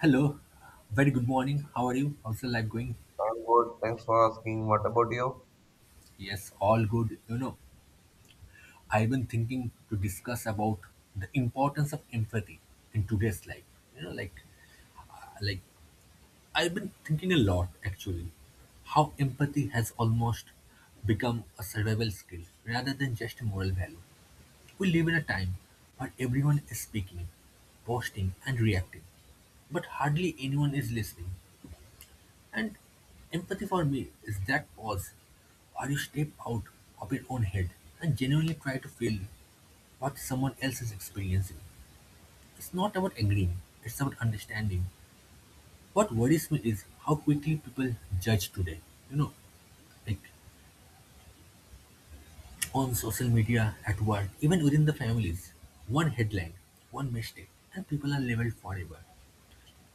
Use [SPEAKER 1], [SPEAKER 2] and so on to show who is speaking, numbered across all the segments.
[SPEAKER 1] Hello, very good morning. How are you? How's your life going?
[SPEAKER 2] I'm good. Thanks for asking. What about you?
[SPEAKER 1] Yes, all good. You know, I've been thinking to discuss about the importance of empathy in today's life. You know, like I've been thinking a lot actually. How empathy has almost become a survival skill rather than just a moral value. We live in a time where everyone is speaking, posting and reacting, but hardly anyone is listening. And empathy for me is that pause where you step out of your own head and genuinely try to feel what someone else is experiencing. It's not about agreeing, it's about understanding. What worries me is how quickly people judge today. You know, like on social media, at work, even within the families. One headline, one mistake, and people are labeled forever.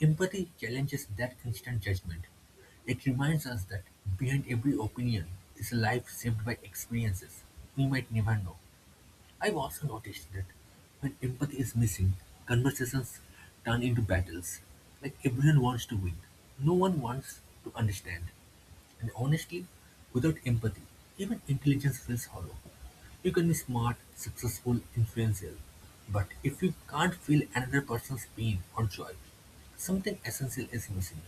[SPEAKER 1] Empathy challenges that instant judgment. It reminds us that behind every opinion is a life shaped by experiences we might never know. I've also noticed that when empathy is missing, conversations turn into battles. Like everyone wants to win, no one wants to understand. And honestly, without empathy, even intelligence feels hollow. You can be smart, successful, influential, but if you can't feel another person's pain or joy, something essential is missing.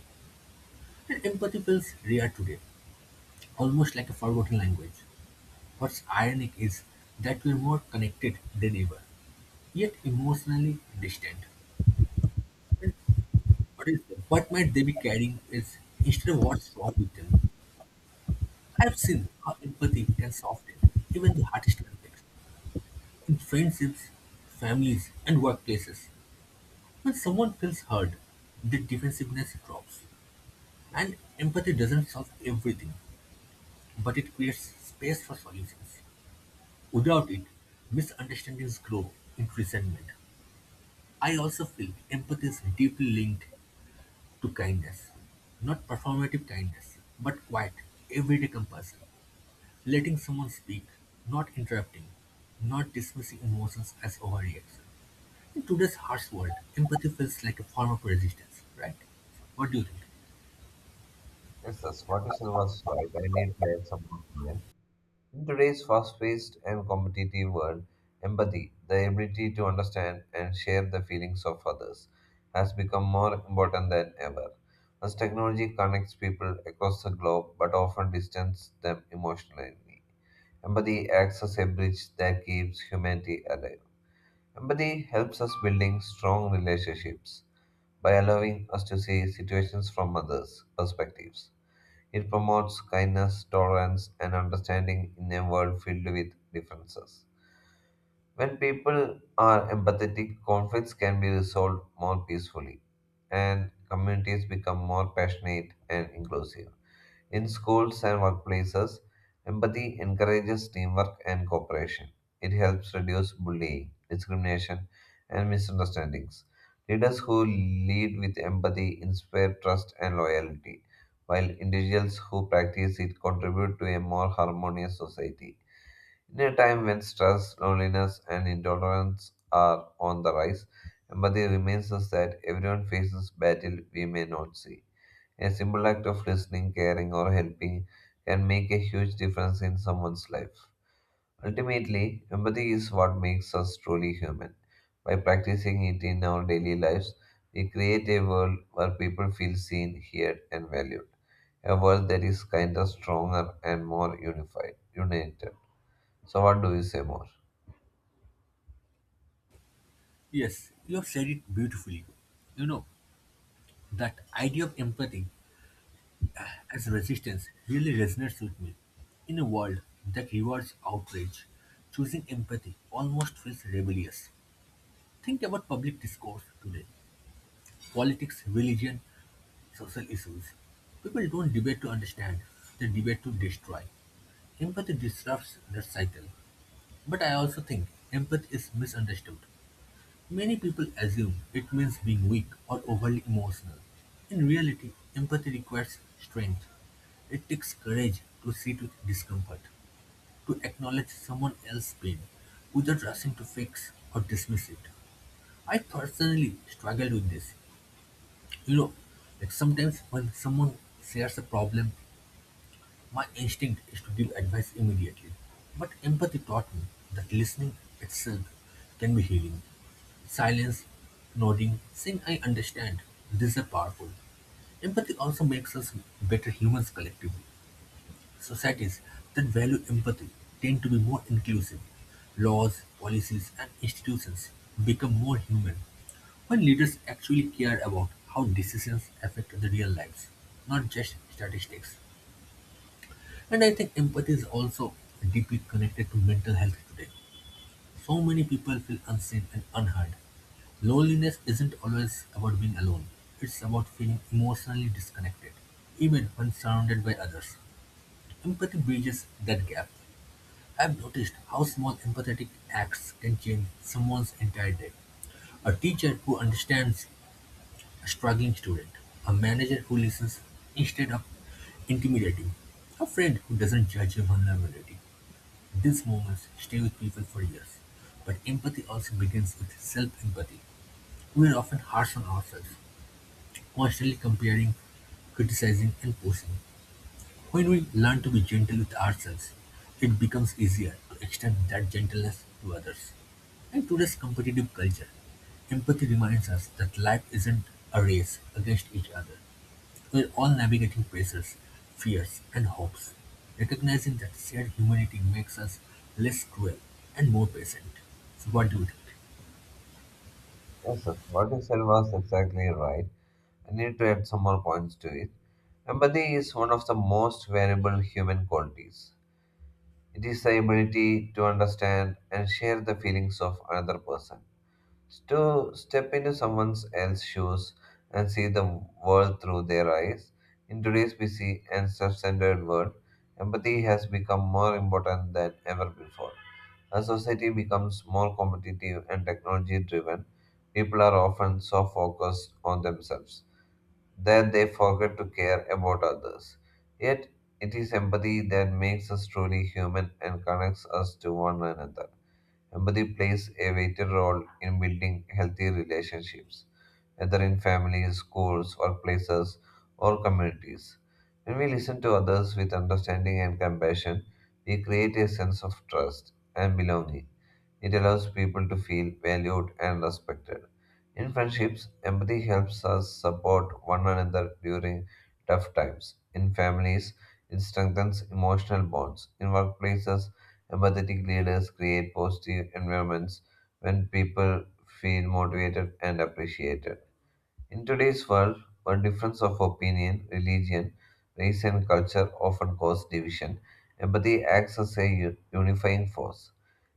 [SPEAKER 1] And empathy feels rare today, almost like a forgotten language. What's ironic is that we're more connected than ever yet emotionally distant. What is what might they be carrying is instead of what's wrong with them. I've seen how empathy can soften even the hardest conflicts in friendships, families, and workplaces. When someone feels heard, the defensiveness drops, and empathy doesn't solve everything, but it creates space for solutions. Without it, misunderstandings grow into resentment. I also feel empathy is deeply linked to kindness. Not performative kindness, but quiet, everyday compassion. Letting someone speak, not interrupting, not dismissing emotions as overreaction. In today's harsh world, empathy feels like a form of resistance, right? What do you think?
[SPEAKER 2] Yes, that's what you said was right. I need to add some comment. In today's fast-paced and competitive world, empathy, the ability to understand and share the feelings of others, has become more important than ever. As technology connects people across the globe but often distances them emotionally, empathy acts as a bridge that keeps humanity alive. Empathy helps us building strong relationships by allowing us to see situations from others' perspectives. It promotes kindness, tolerance, and understanding in a world filled with differences. When people are empathetic, conflicts can be resolved more peacefully, and communities become more passionate and inclusive. In schools and workplaces, empathy encourages teamwork and cooperation. It helps reduce bullying, discrimination, and misunderstandings. Leaders who lead with empathy inspire trust and loyalty, while individuals who practice it contribute to a more harmonious society. In a time when stress, loneliness, and intolerance are on the rise, empathy reminds us that everyone faces battle we may not see. A simple act of listening, caring, or helping can make a huge difference in someone's life. Ultimately, empathy is what makes us truly human. By practicing it in our daily lives, we create a world where people feel seen, heard, and valued. A world that is kinder, stronger, and more unified, united. So, what do you say more?
[SPEAKER 1] Yes, you have said it beautifully. You know, that idea of empathy as resistance really resonates with me. In a world that rewards outrage, choosing empathy almost feels rebellious. Think about public discourse today. Politics, religion, social issues. People don't debate to understand, they debate to destroy. Empathy disrupts that cycle. But I also think empathy is misunderstood. Many people assume it means being weak or overly emotional. In reality, empathy requires strength. It takes courage to sit with discomfort, to acknowledge someone else's pain, without rushing to fix or dismiss it. I personally struggled with this, you know, like sometimes when someone shares a problem, my instinct is to give advice immediately. But empathy taught me that listening itself can be healing. Silence, nodding, saying I understand, these are powerful. Empathy also makes us better humans collectively. Societies that value empathy tend to be more inclusive; laws, policies, and institutions become more human when leaders actually care about how decisions affect the real lives, not just statistics. And I think empathy is also deeply connected to mental health today. So many people feel unseen and unheard. Loneliness isn't always about being alone, it's about feeling emotionally disconnected, even when surrounded by others. Empathy bridges that gap. I've noticed how small empathetic acts can change someone's entire day. A teacher who understands a struggling student, a manager who listens instead of intimidating, a friend who doesn't judge your vulnerability. These moments stay with people for years. But empathy also begins with self empathy. We are often harsh on ourselves, constantly comparing, criticizing, and pushing. When we learn to be gentle with ourselves, it becomes easier to extend that gentleness to others. In today's competitive culture, empathy reminds us that life isn't a race against each other. We're all navigating pressures, fears, and hopes. Recognizing that shared humanity makes us less cruel and more patient. So, what do you think?
[SPEAKER 2] Yes, sir. What you said was exactly right. I need to add some more points to it. Empathy is one of the most valuable human qualities. It is the ability to understand and share the feelings of another person. To step into someone else's shoes and see the world through their eyes. In today's busy and self centered world, empathy has become more important than ever before. As society becomes more competitive and technology driven, people are often so focused on themselves that they forget to care about others. Yet, it is empathy that makes us truly human and connects us to one another. Empathy plays a vital role in building healthy relationships, whether in families, schools, workplaces, or communities. When we listen to others with understanding and compassion, we create a sense of trust and belonging. It allows people to feel valued and respected. In friendships, empathy helps us support one another during tough times. In families, it strengthens emotional bonds. In workplaces, empathetic leaders create positive environments when people feel motivated and appreciated. In today's world, where difference of opinion, religion, race, and culture often cause division, empathy acts as a unifying force.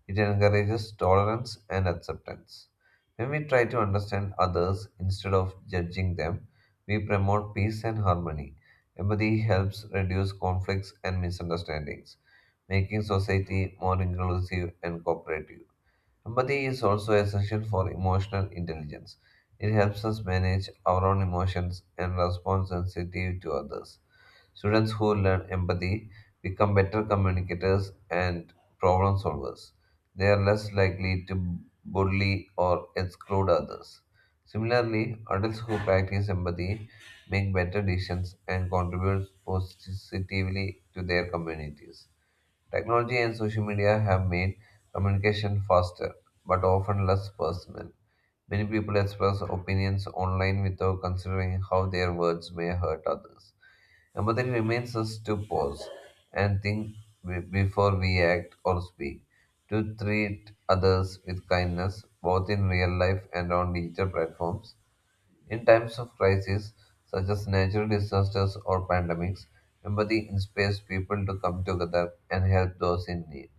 [SPEAKER 2] It encourages tolerance and acceptance. When we try to understand others instead of judging them, we promote peace and harmony. Empathy helps reduce conflicts and misunderstandings, making society more inclusive and cooperative. Empathy is also essential for emotional intelligence. It helps us manage our own emotions and respond sensitively to others. Students who learn empathy become better communicators and problem solvers. They are less likely to bully or exclude others. Similarly, adults who practice empathy make better decisions and contribute positively to their communities. Technology and social media have made communication faster, but often less personal. Many people express opinions online without considering how their words may hurt others. Empathy remains us to pause and think before we act or speak, to treat others with kindness, both in real life and on digital platforms, in times of crisis, such as natural disasters or pandemics, empathy inspires people to come together and help those in need.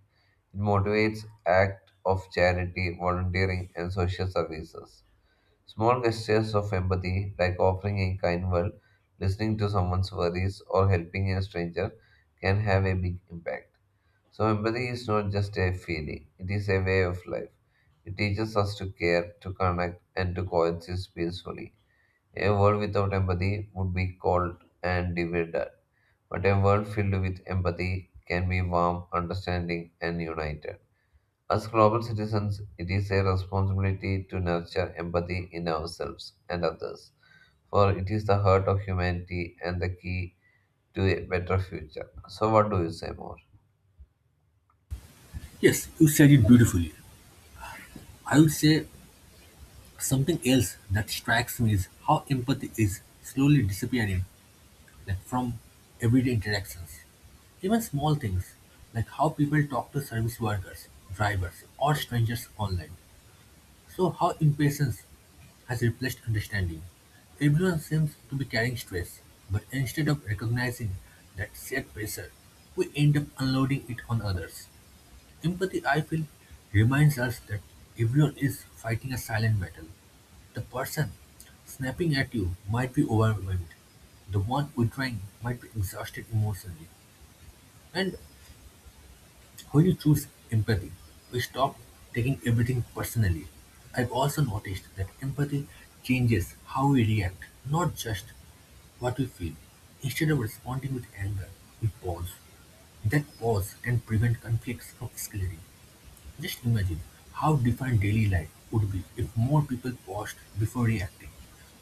[SPEAKER 2] It motivates acts of charity, volunteering, and social services. Small gestures of empathy, like offering a kind word, listening to someone's worries, or helping a stranger, can have a big impact. So, empathy is not just a feeling, it is a way of life. It teaches us to care, to connect, and to coexist peacefully. A world without empathy would be cold and divided, but a world filled with empathy can be warm, understanding, and united. As global citizens, it is a responsibility to nurture empathy in ourselves and others, for it is the heart of humanity and the key to a better future. So, what do you say more?
[SPEAKER 1] Yes, you said it beautifully. I would say something else that strikes me is how empathy is slowly disappearing like from everyday interactions. Even small things like how people talk to service workers, drivers, or strangers online. So how impatience has replaced understanding. Everyone seems to be carrying stress, but instead of recognizing that shared pressure, we end up unloading it on others. Empathy, I feel, reminds us that everyone is fighting a silent battle. The person snapping at you might be overwhelmed. The one withdrawing might be exhausted emotionally. And when you choose empathy, we stop taking everything personally. I've also noticed that empathy changes how we react, not just what we feel. Instead of responding with anger, we pause. That pause can prevent conflicts from escalating. Just imagine how different daily life would be if more people paused before reacting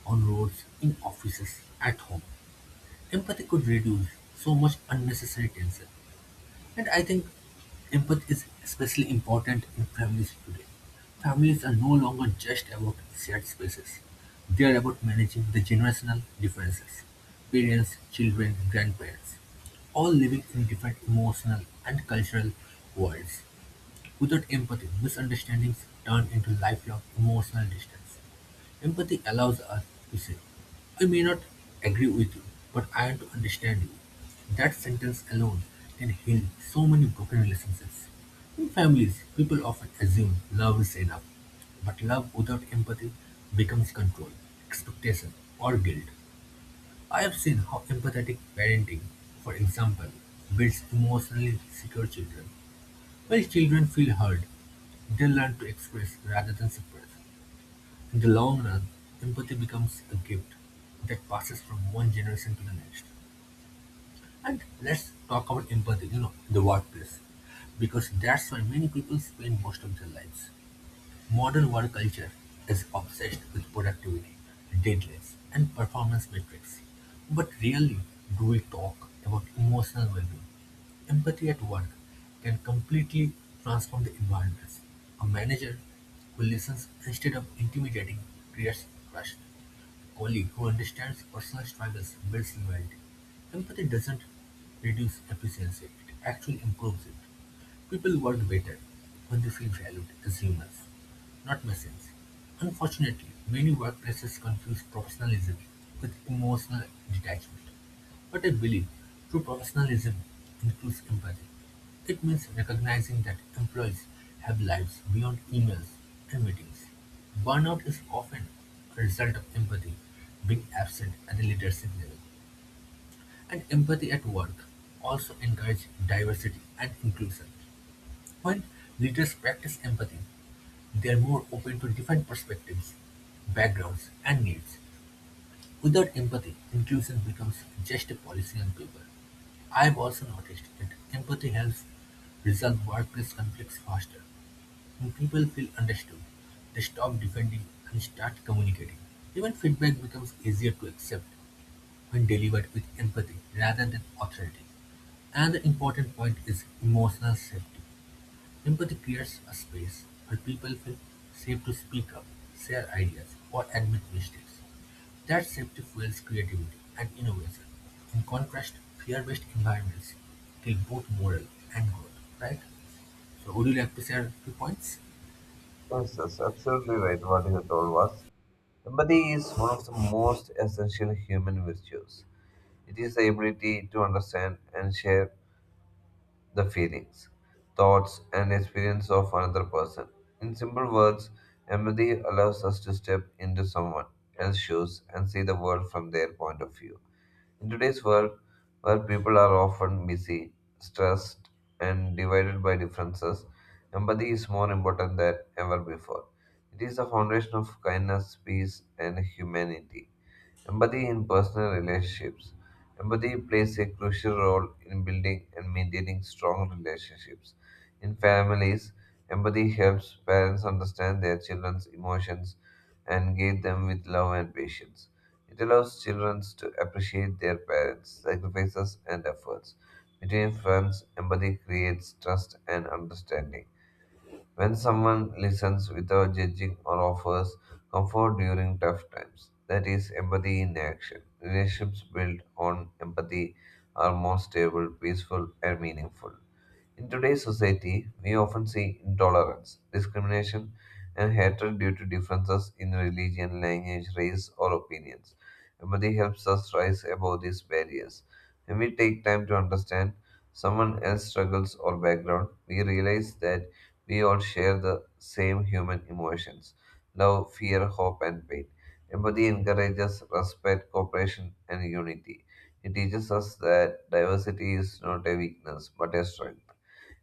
[SPEAKER 1] on roads, in offices, at home. Empathy could reduce so much unnecessary tension. And I think empathy is especially important in families today. Families are no longer just about shared spaces, they are about managing the generational differences parents, children, grandparents, all living in different emotional and cultural worlds. Without empathy, misunderstandings turn into lifelong emotional distance. Empathy allows us to say, I may not agree with you, but I want to understand you. That sentence alone can heal so many broken relationships. In families, people often assume love is enough, but love without empathy becomes control, expectation, or guilt. I have seen how empathetic parenting, for example, builds emotionally secure children while children feel heard, they learn to express rather than suppress. In the long run, empathy becomes a gift that passes from one generation to the next. And let's talk about empathy, you know, in the workplace, because that's where many people spend most of their lives. Modern work culture is obsessed with productivity, deadlines, and performance metrics. But rarely do we talk about emotional well being. Empathy at work can completely transform the environments. A manager who listens instead of intimidating creates trust. A colleague who understands personal struggles builds loyalty. Empathy doesn't reduce efficiency, it actually improves it. People work better when they feel valued as humans, not machines. Unfortunately, many workplaces confuse professionalism with emotional detachment. But I believe true professionalism includes empathy. It means recognizing that employees have lives beyond emails and meetings. Burnout is often a result of empathy being absent at the leadership level. And empathy at work also encourages diversity and inclusion. When leaders practice empathy, they are more open to different perspectives, backgrounds, and needs. Without empathy, inclusion becomes just a policy on paper. I've also noticed that empathy helps resolve workplace conflicts faster. When people feel understood, they stop defending and start communicating. Even feedback becomes easier to accept when delivered with empathy rather than authority. Another important point is emotional safety. Empathy creates a space where people feel safe to speak up, share ideas, or admit mistakes. That safety fuels creativity and innovation. In contrast, fear-based environments kill both moral and growth, right? So would you like to share a few points?
[SPEAKER 2] Yes, that's absolutely right. What you told was empathy is one of the most essential human virtues. It is the ability to understand and share the feelings, thoughts, and experience of another person. In simple words, empathy allows us to step into someone else's shoes and see the world from their point of view. In today's world, where people are often busy, stressed, and divided by differences, empathy is more important than ever before. It is the foundation of kindness, peace, and humanity. Empathy in personal relationships. Empathy plays a crucial role in building and maintaining strong relationships. In families, empathy helps parents understand their children's emotions and guide them with love and patience. It allows children to appreciate their parents' sacrifices and efforts. Between friends, empathy creates trust and understanding. When someone listens without judging or offers comfort during tough times, that is empathy in action. Relationships built on empathy are more stable, peaceful, and meaningful. In today's society, we often see intolerance, discrimination, and hatred due to differences in religion, language, race, or opinions. Empathy helps us rise above these barriers. When we take time to understand someone else's struggles or background, we realize that we all share the same human emotions love, fear, hope, and pain. Empathy encourages respect, cooperation, and unity. It teaches us that diversity is not a weakness but a strength.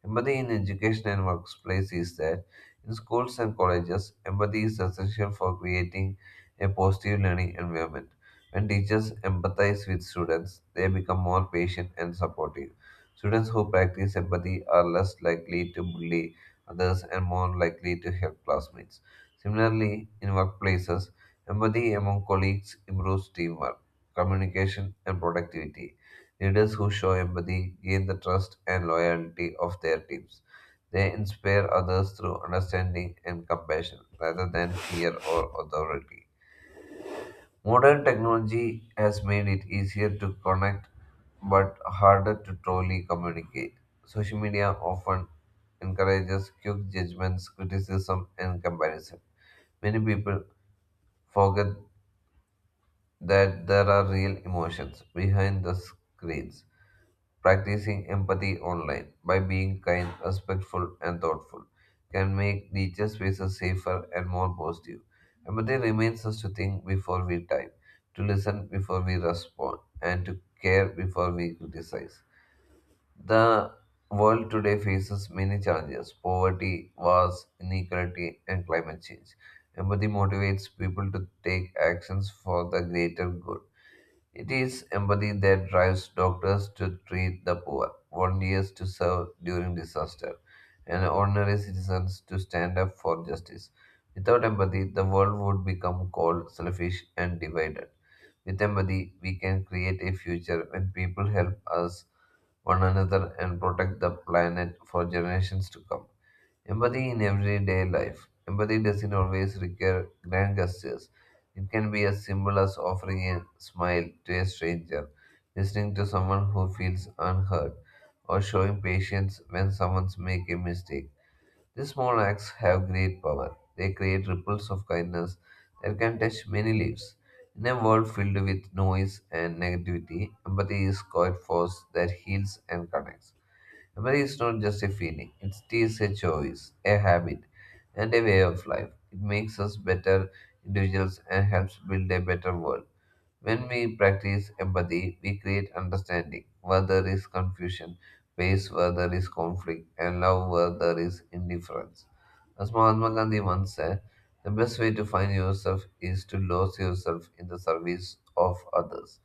[SPEAKER 2] Empathy in education and workplace is that in schools and colleges, empathy is essential for creating a positive learning environment. When teachers empathize with students, they become more patient and supportive. Students who practice empathy are less likely to bully others and more likely to help classmates. Similarly, in workplaces, empathy among colleagues improves teamwork, communication, and productivity. Leaders who show empathy gain the trust and loyalty of their teams. They inspire others through understanding and compassion rather than fear or authority. Modern technology has made it easier to connect but harder to truly communicate. Social media often encourages quick judgments, criticism, and comparison. Many people forget that there are real emotions behind the screens. Practicing empathy online by being kind, respectful, and thoughtful can make digital spaces safer and more positive. Empathy reminds us to think before we type, to listen before we respond, and to care before we criticize. The world today faces many challenges poverty, wars, inequality, and climate change. Empathy motivates people to take actions for the greater good it is empathy that drives doctors to treat the poor, volunteers to serve during disaster, and ordinary citizens to stand up for justice. Without empathy, the world would become cold, selfish, and divided. With empathy, we can create a future when people help us one another and protect the planet for generations to come. Empathy in everyday life. Empathy doesn't always require grand gestures. It can be as simple as offering a smile to a stranger, listening to someone who feels unheard, or showing patience when someone's make a mistake. These small acts have great power. They create ripples of kindness that can touch many lives. In a world filled with noise and negativity, empathy is quiet force that heals and connects. Memory is not just a feeling, it is a choice, a habit, and a way of life. It makes us better individuals and helps build a better world. When we practice empathy, we create understanding where there is confusion, peace where there is conflict, and love where there is indifference. As Mahatma Gandhi once said, the best way to find yourself is to lose yourself in the service of others.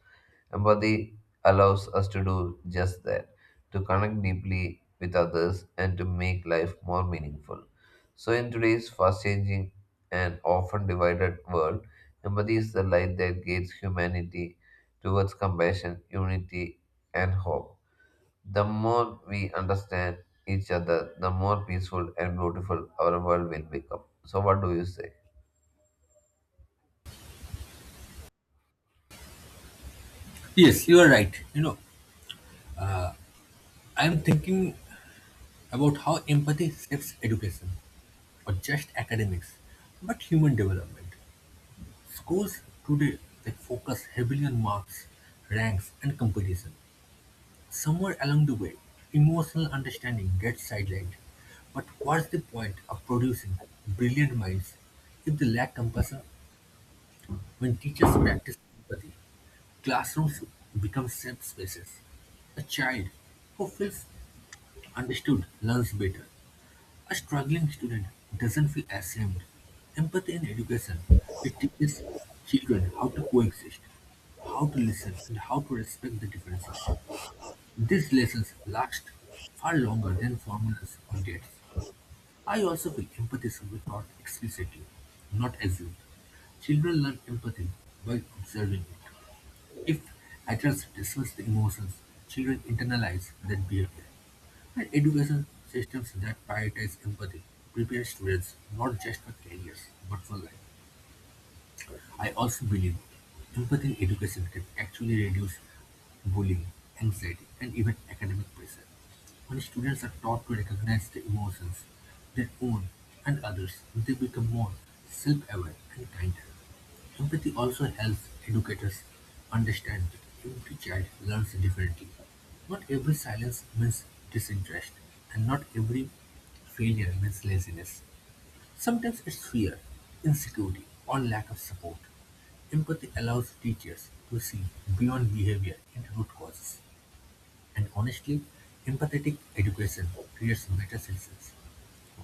[SPEAKER 2] Empathy allows us to do just that, to connect deeply with others and to make life more meaningful. So, in today's fast changing and often divided world, empathy is the light that guides humanity towards compassion, unity, and hope. The more we understand each other, the more peaceful and beautiful our world will become. So, what do you say?
[SPEAKER 1] Yes, you are right. You know, I am thinking about how empathy shapes education, or just academics, but human development. Schools today they focus heavily on marks, ranks, and competition. Somewhere along the way, emotional understanding gets sidelined. But what's the point of producing brilliant minds if they lack compassion? When teachers practice empathy, classrooms become safe spaces. A child who feels understood learns better. A struggling student doesn't feel ashamed. Empathy in education, it teaches children how to coexist, how to listen, and how to respect the differences. These lessons last far longer than formulas or dates. I also feel empathy should be taught explicitly, not assumed. Children learn empathy by observing it. If adults dismiss the emotions, children internalize that behavior. And education systems that prioritize empathy prepare students not just for careers, but for life. I also believe empathy in education can actually reduce bullying, anxiety, and even academic pressure. When students are taught to recognize their emotions, their own and others, they become more self-aware and kinder. Empathy also helps educators understand that every child learns differently. Not every silence means disinterest, and not every failure means laziness. Sometimes it's fear, insecurity, or lack of support. Empathy allows teachers to see beyond behavior and root causes. And honestly, empathetic education creates better citizens.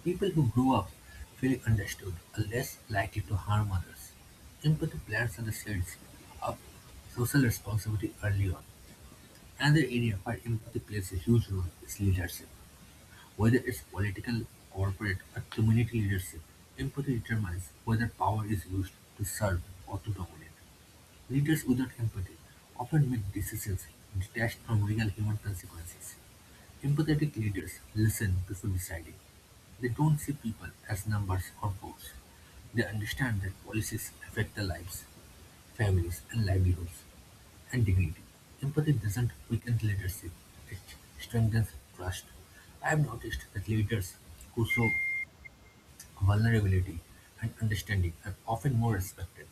[SPEAKER 1] People who grow up feeling understood are less likely to harm others. Empathy plants are the seeds of social responsibility early on. Another area where empathy plays a huge role is leadership. Whether it's political, corporate, or community leadership, empathy determines whether power is used to serve or to dominate. Leaders without empathy often make decisions detached from real human consequences. Empathetic leaders listen before deciding. They don't see people as numbers or votes. They understand that policies affect their lives, families, and livelihoods and dignity. Empathy doesn't weaken leadership, it strengthens trust. I have noticed that leaders who show vulnerability and understanding are often more respected,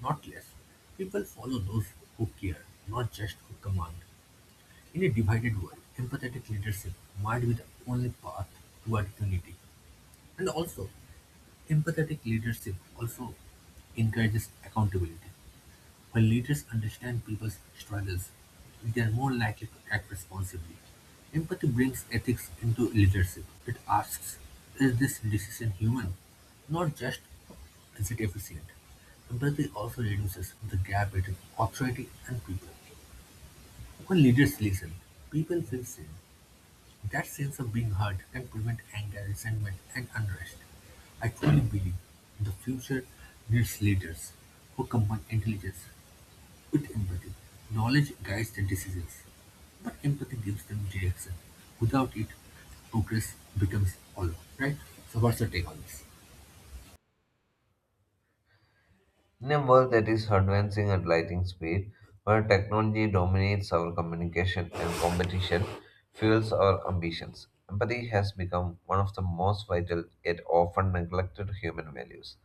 [SPEAKER 1] not less. People follow those who care, not just who command. In a divided world, empathetic leadership might be the only path toward unity. And also, empathetic leadership also encourages accountability. When leaders understand people's struggles, they are more likely to act responsibly. Empathy brings ethics into leadership. It asks, is this decision human? Not just, is it efficient? Empathy also reduces the gap between authority and people. When leaders listen, people feel seen. That sense of being heard can prevent anger, resentment, and unrest. I truly believe the future needs leaders who combine intelligence with empathy, knowledge guides the decisions, but empathy gives them direction. Without it, progress becomes hollow, right? So, what's your take on this?
[SPEAKER 2] In a world that is advancing at lightning speed, where technology dominates our communication and competition fuels our ambitions, empathy has become one of the most vital yet often neglected human values.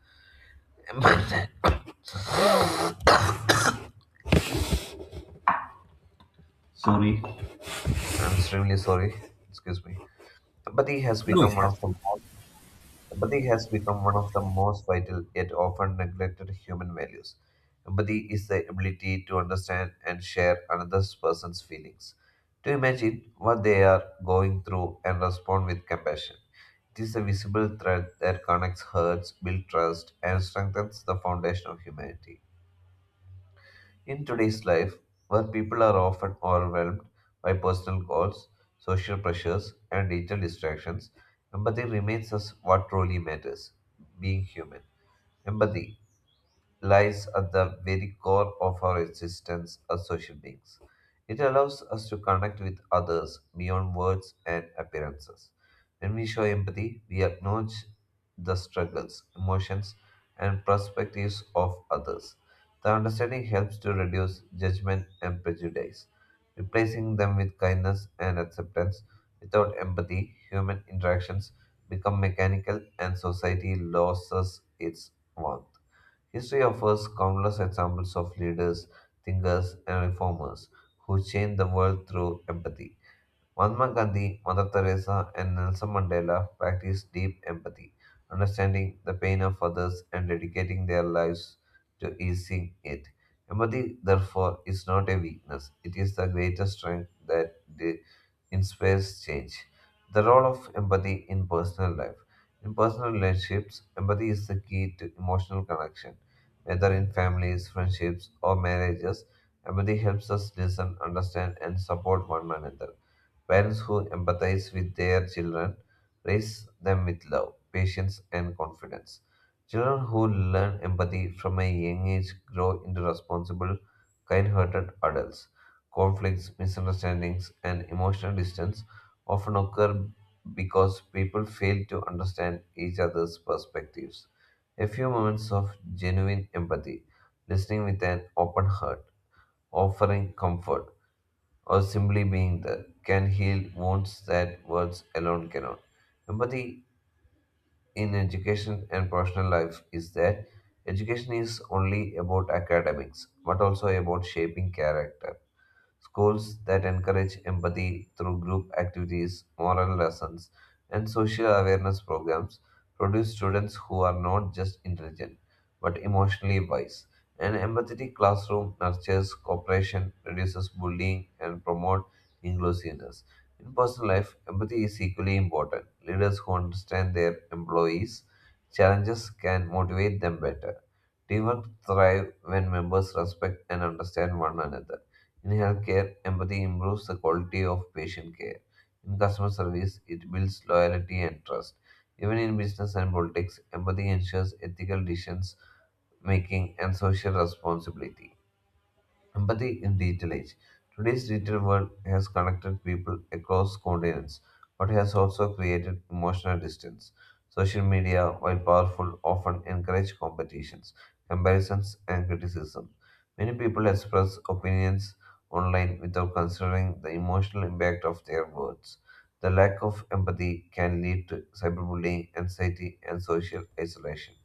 [SPEAKER 2] Empath- Sorry. I'm extremely sorry. Excuse me. Empathy has
[SPEAKER 1] No.
[SPEAKER 2] become one of the most Empathy has become one of the most vital yet often neglected human values. Empathy is the ability to understand and share another person's feelings, to imagine what they are going through and respond with compassion. It is a visible thread that connects hearts, builds trust, and strengthens the foundation of humanity. In today's life, where people are often overwhelmed by personal goals, social pressures, and digital distractions, empathy remains us what truly matters being human. Empathy, lies at the very core of our existence as social beings. It allows us to connect with others beyond words and appearances. When we show empathy, we acknowledge the struggles, emotions, and perspectives of others. The understanding helps to reduce judgment and prejudice, replacing them with kindness and acceptance. Without empathy, human interactions become mechanical and society loses its warmth. History offers countless examples of leaders, thinkers, and reformers who changed the world through empathy. Mahatma Gandhi, Mother Teresa, and Nelson Mandela practiced deep empathy, understanding the pain of others and dedicating their lives to easing it. Empathy, therefore, is not a weakness, it is the greatest strength that inspires change. The role of empathy in personal life. In personal relationships, empathy is the key to emotional connection. Whether in families, friendships, or marriages, empathy helps us listen, understand, and support one another. Parents who empathize with their children raise them with love, patience, and confidence. Children who learn empathy from a young age grow into responsible, kind hearted adults. Conflicts, misunderstandings, and emotional distance often occur because people fail to understand each other's perspectives. A few moments of genuine empathy, listening with an open heart, offering comfort or simply being there can heal wounds that words alone cannot. Empathy in education and personal life is that education is only about academics but also about shaping character. Schools that encourage empathy through group activities, moral lessons, and social awareness programs produce students who are not just intelligent but emotionally wise. An empathetic classroom nurtures cooperation, reduces bullying, and promotes inclusiveness. In personal life, empathy is equally important leaders who understand their employees' challenges can motivate them better. Teamwork thrives when members respect and understand one another. In healthcare, empathy improves the quality of patient care. In customer service, it builds loyalty and trust. Even in business and politics, empathy ensures ethical decisions making and social responsibility. Empathy in digital age. Today's digital world has connected people across continents, but has also created emotional distance. Social media, while powerful, often encourage competitions, comparisons, and criticism. Many people express opinions online without considering the emotional impact of their words. The lack of empathy can lead to cyberbullying, anxiety, and social isolation.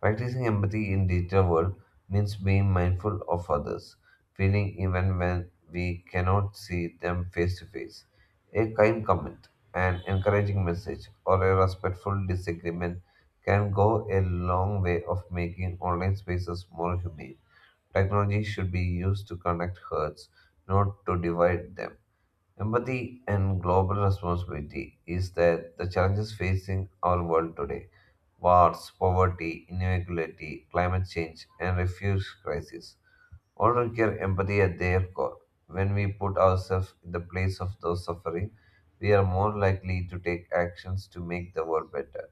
[SPEAKER 2] Practicing empathy in digital world means being mindful of others, feeling even when we cannot see them face to face. A kind comment, an encouraging message, or a respectful disagreement can go a long way of making online spaces more humane. Technology should be used to connect hearts, not to divide them. Empathy and global responsibility is that the challenges facing our world today wars, poverty, inequality, climate change, and refugee crisis all require empathy at their core. When we put ourselves in the place of those suffering, we are more likely to take actions to make the world better.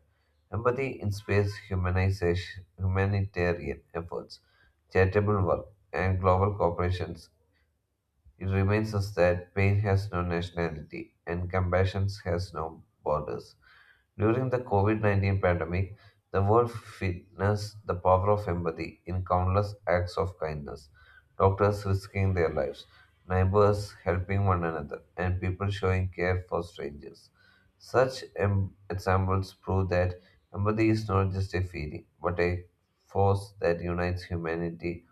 [SPEAKER 2] Empathy inspires humanization, humanitarian efforts, charitable work, and global cooperations it reminds us that pain has no nationality and compassion has no borders. During the COVID-19 pandemic, the world witnessed the power of empathy in countless acts of kindness. Doctors risking their lives, neighbors helping one another, and people showing care for strangers. Such examples prove that empathy is not just a feeling, but a force that unites humanity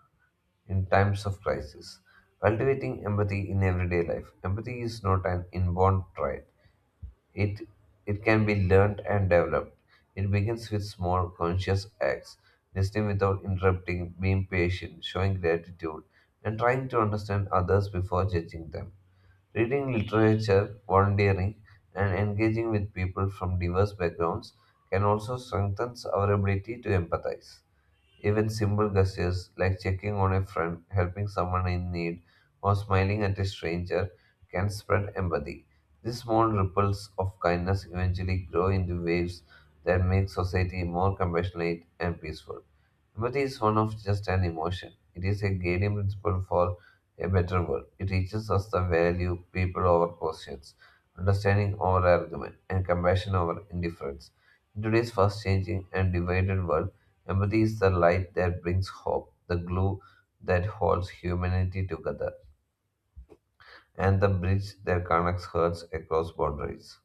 [SPEAKER 2] in times of crisis. Cultivating empathy in everyday life. Empathy is not an inborn trait. It it can be learned and developed. It begins with small conscious acts, listening without interrupting, being patient, showing gratitude, and trying to understand others before judging them. Reading literature, volunteering, and engaging with people from diverse backgrounds can also strengthen our ability to empathize. Even simple gestures like checking on a friend, helping someone in need, or smiling at a stranger can spread empathy. These small ripples of kindness eventually grow into waves that make society more compassionate and peaceful. Empathy is one of just an emotion. It is a guiding principle for a better world. It teaches us the value people over positions, understanding over argument, and compassion over indifference. In today's fast changing and divided world, empathy is the light that brings hope, the glue that holds humanity together, and the bridge that connects hearts across boundaries.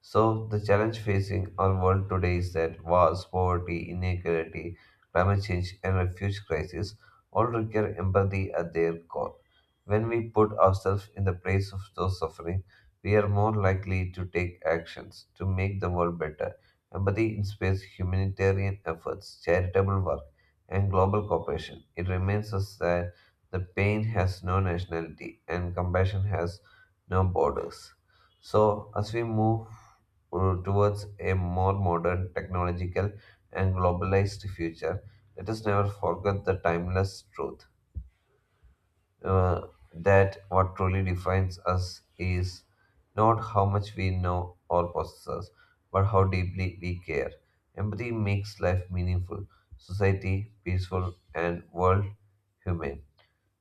[SPEAKER 2] So, the challenge facing our world today is that wars, poverty, inequality, climate change, and refugee crisis all require empathy at their core. When we put ourselves in the place of those suffering, we are more likely to take actions to make the world better. Empathy inspires humanitarian efforts, charitable work, and global cooperation. It reminds us that the pain has no nationality and compassion has no borders. So, as we move towards a more modern, technological, and globalized future, let us never forget the timeless truth uh, that what truly defines us is not how much we know or possess, but how deeply we care. Empathy makes life meaningful, society peaceful, and world humane.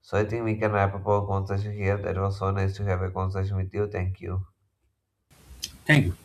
[SPEAKER 2] So, I think we can wrap up our conversation here. That was so nice to have a conversation with you. Thank you.
[SPEAKER 1] Thank you.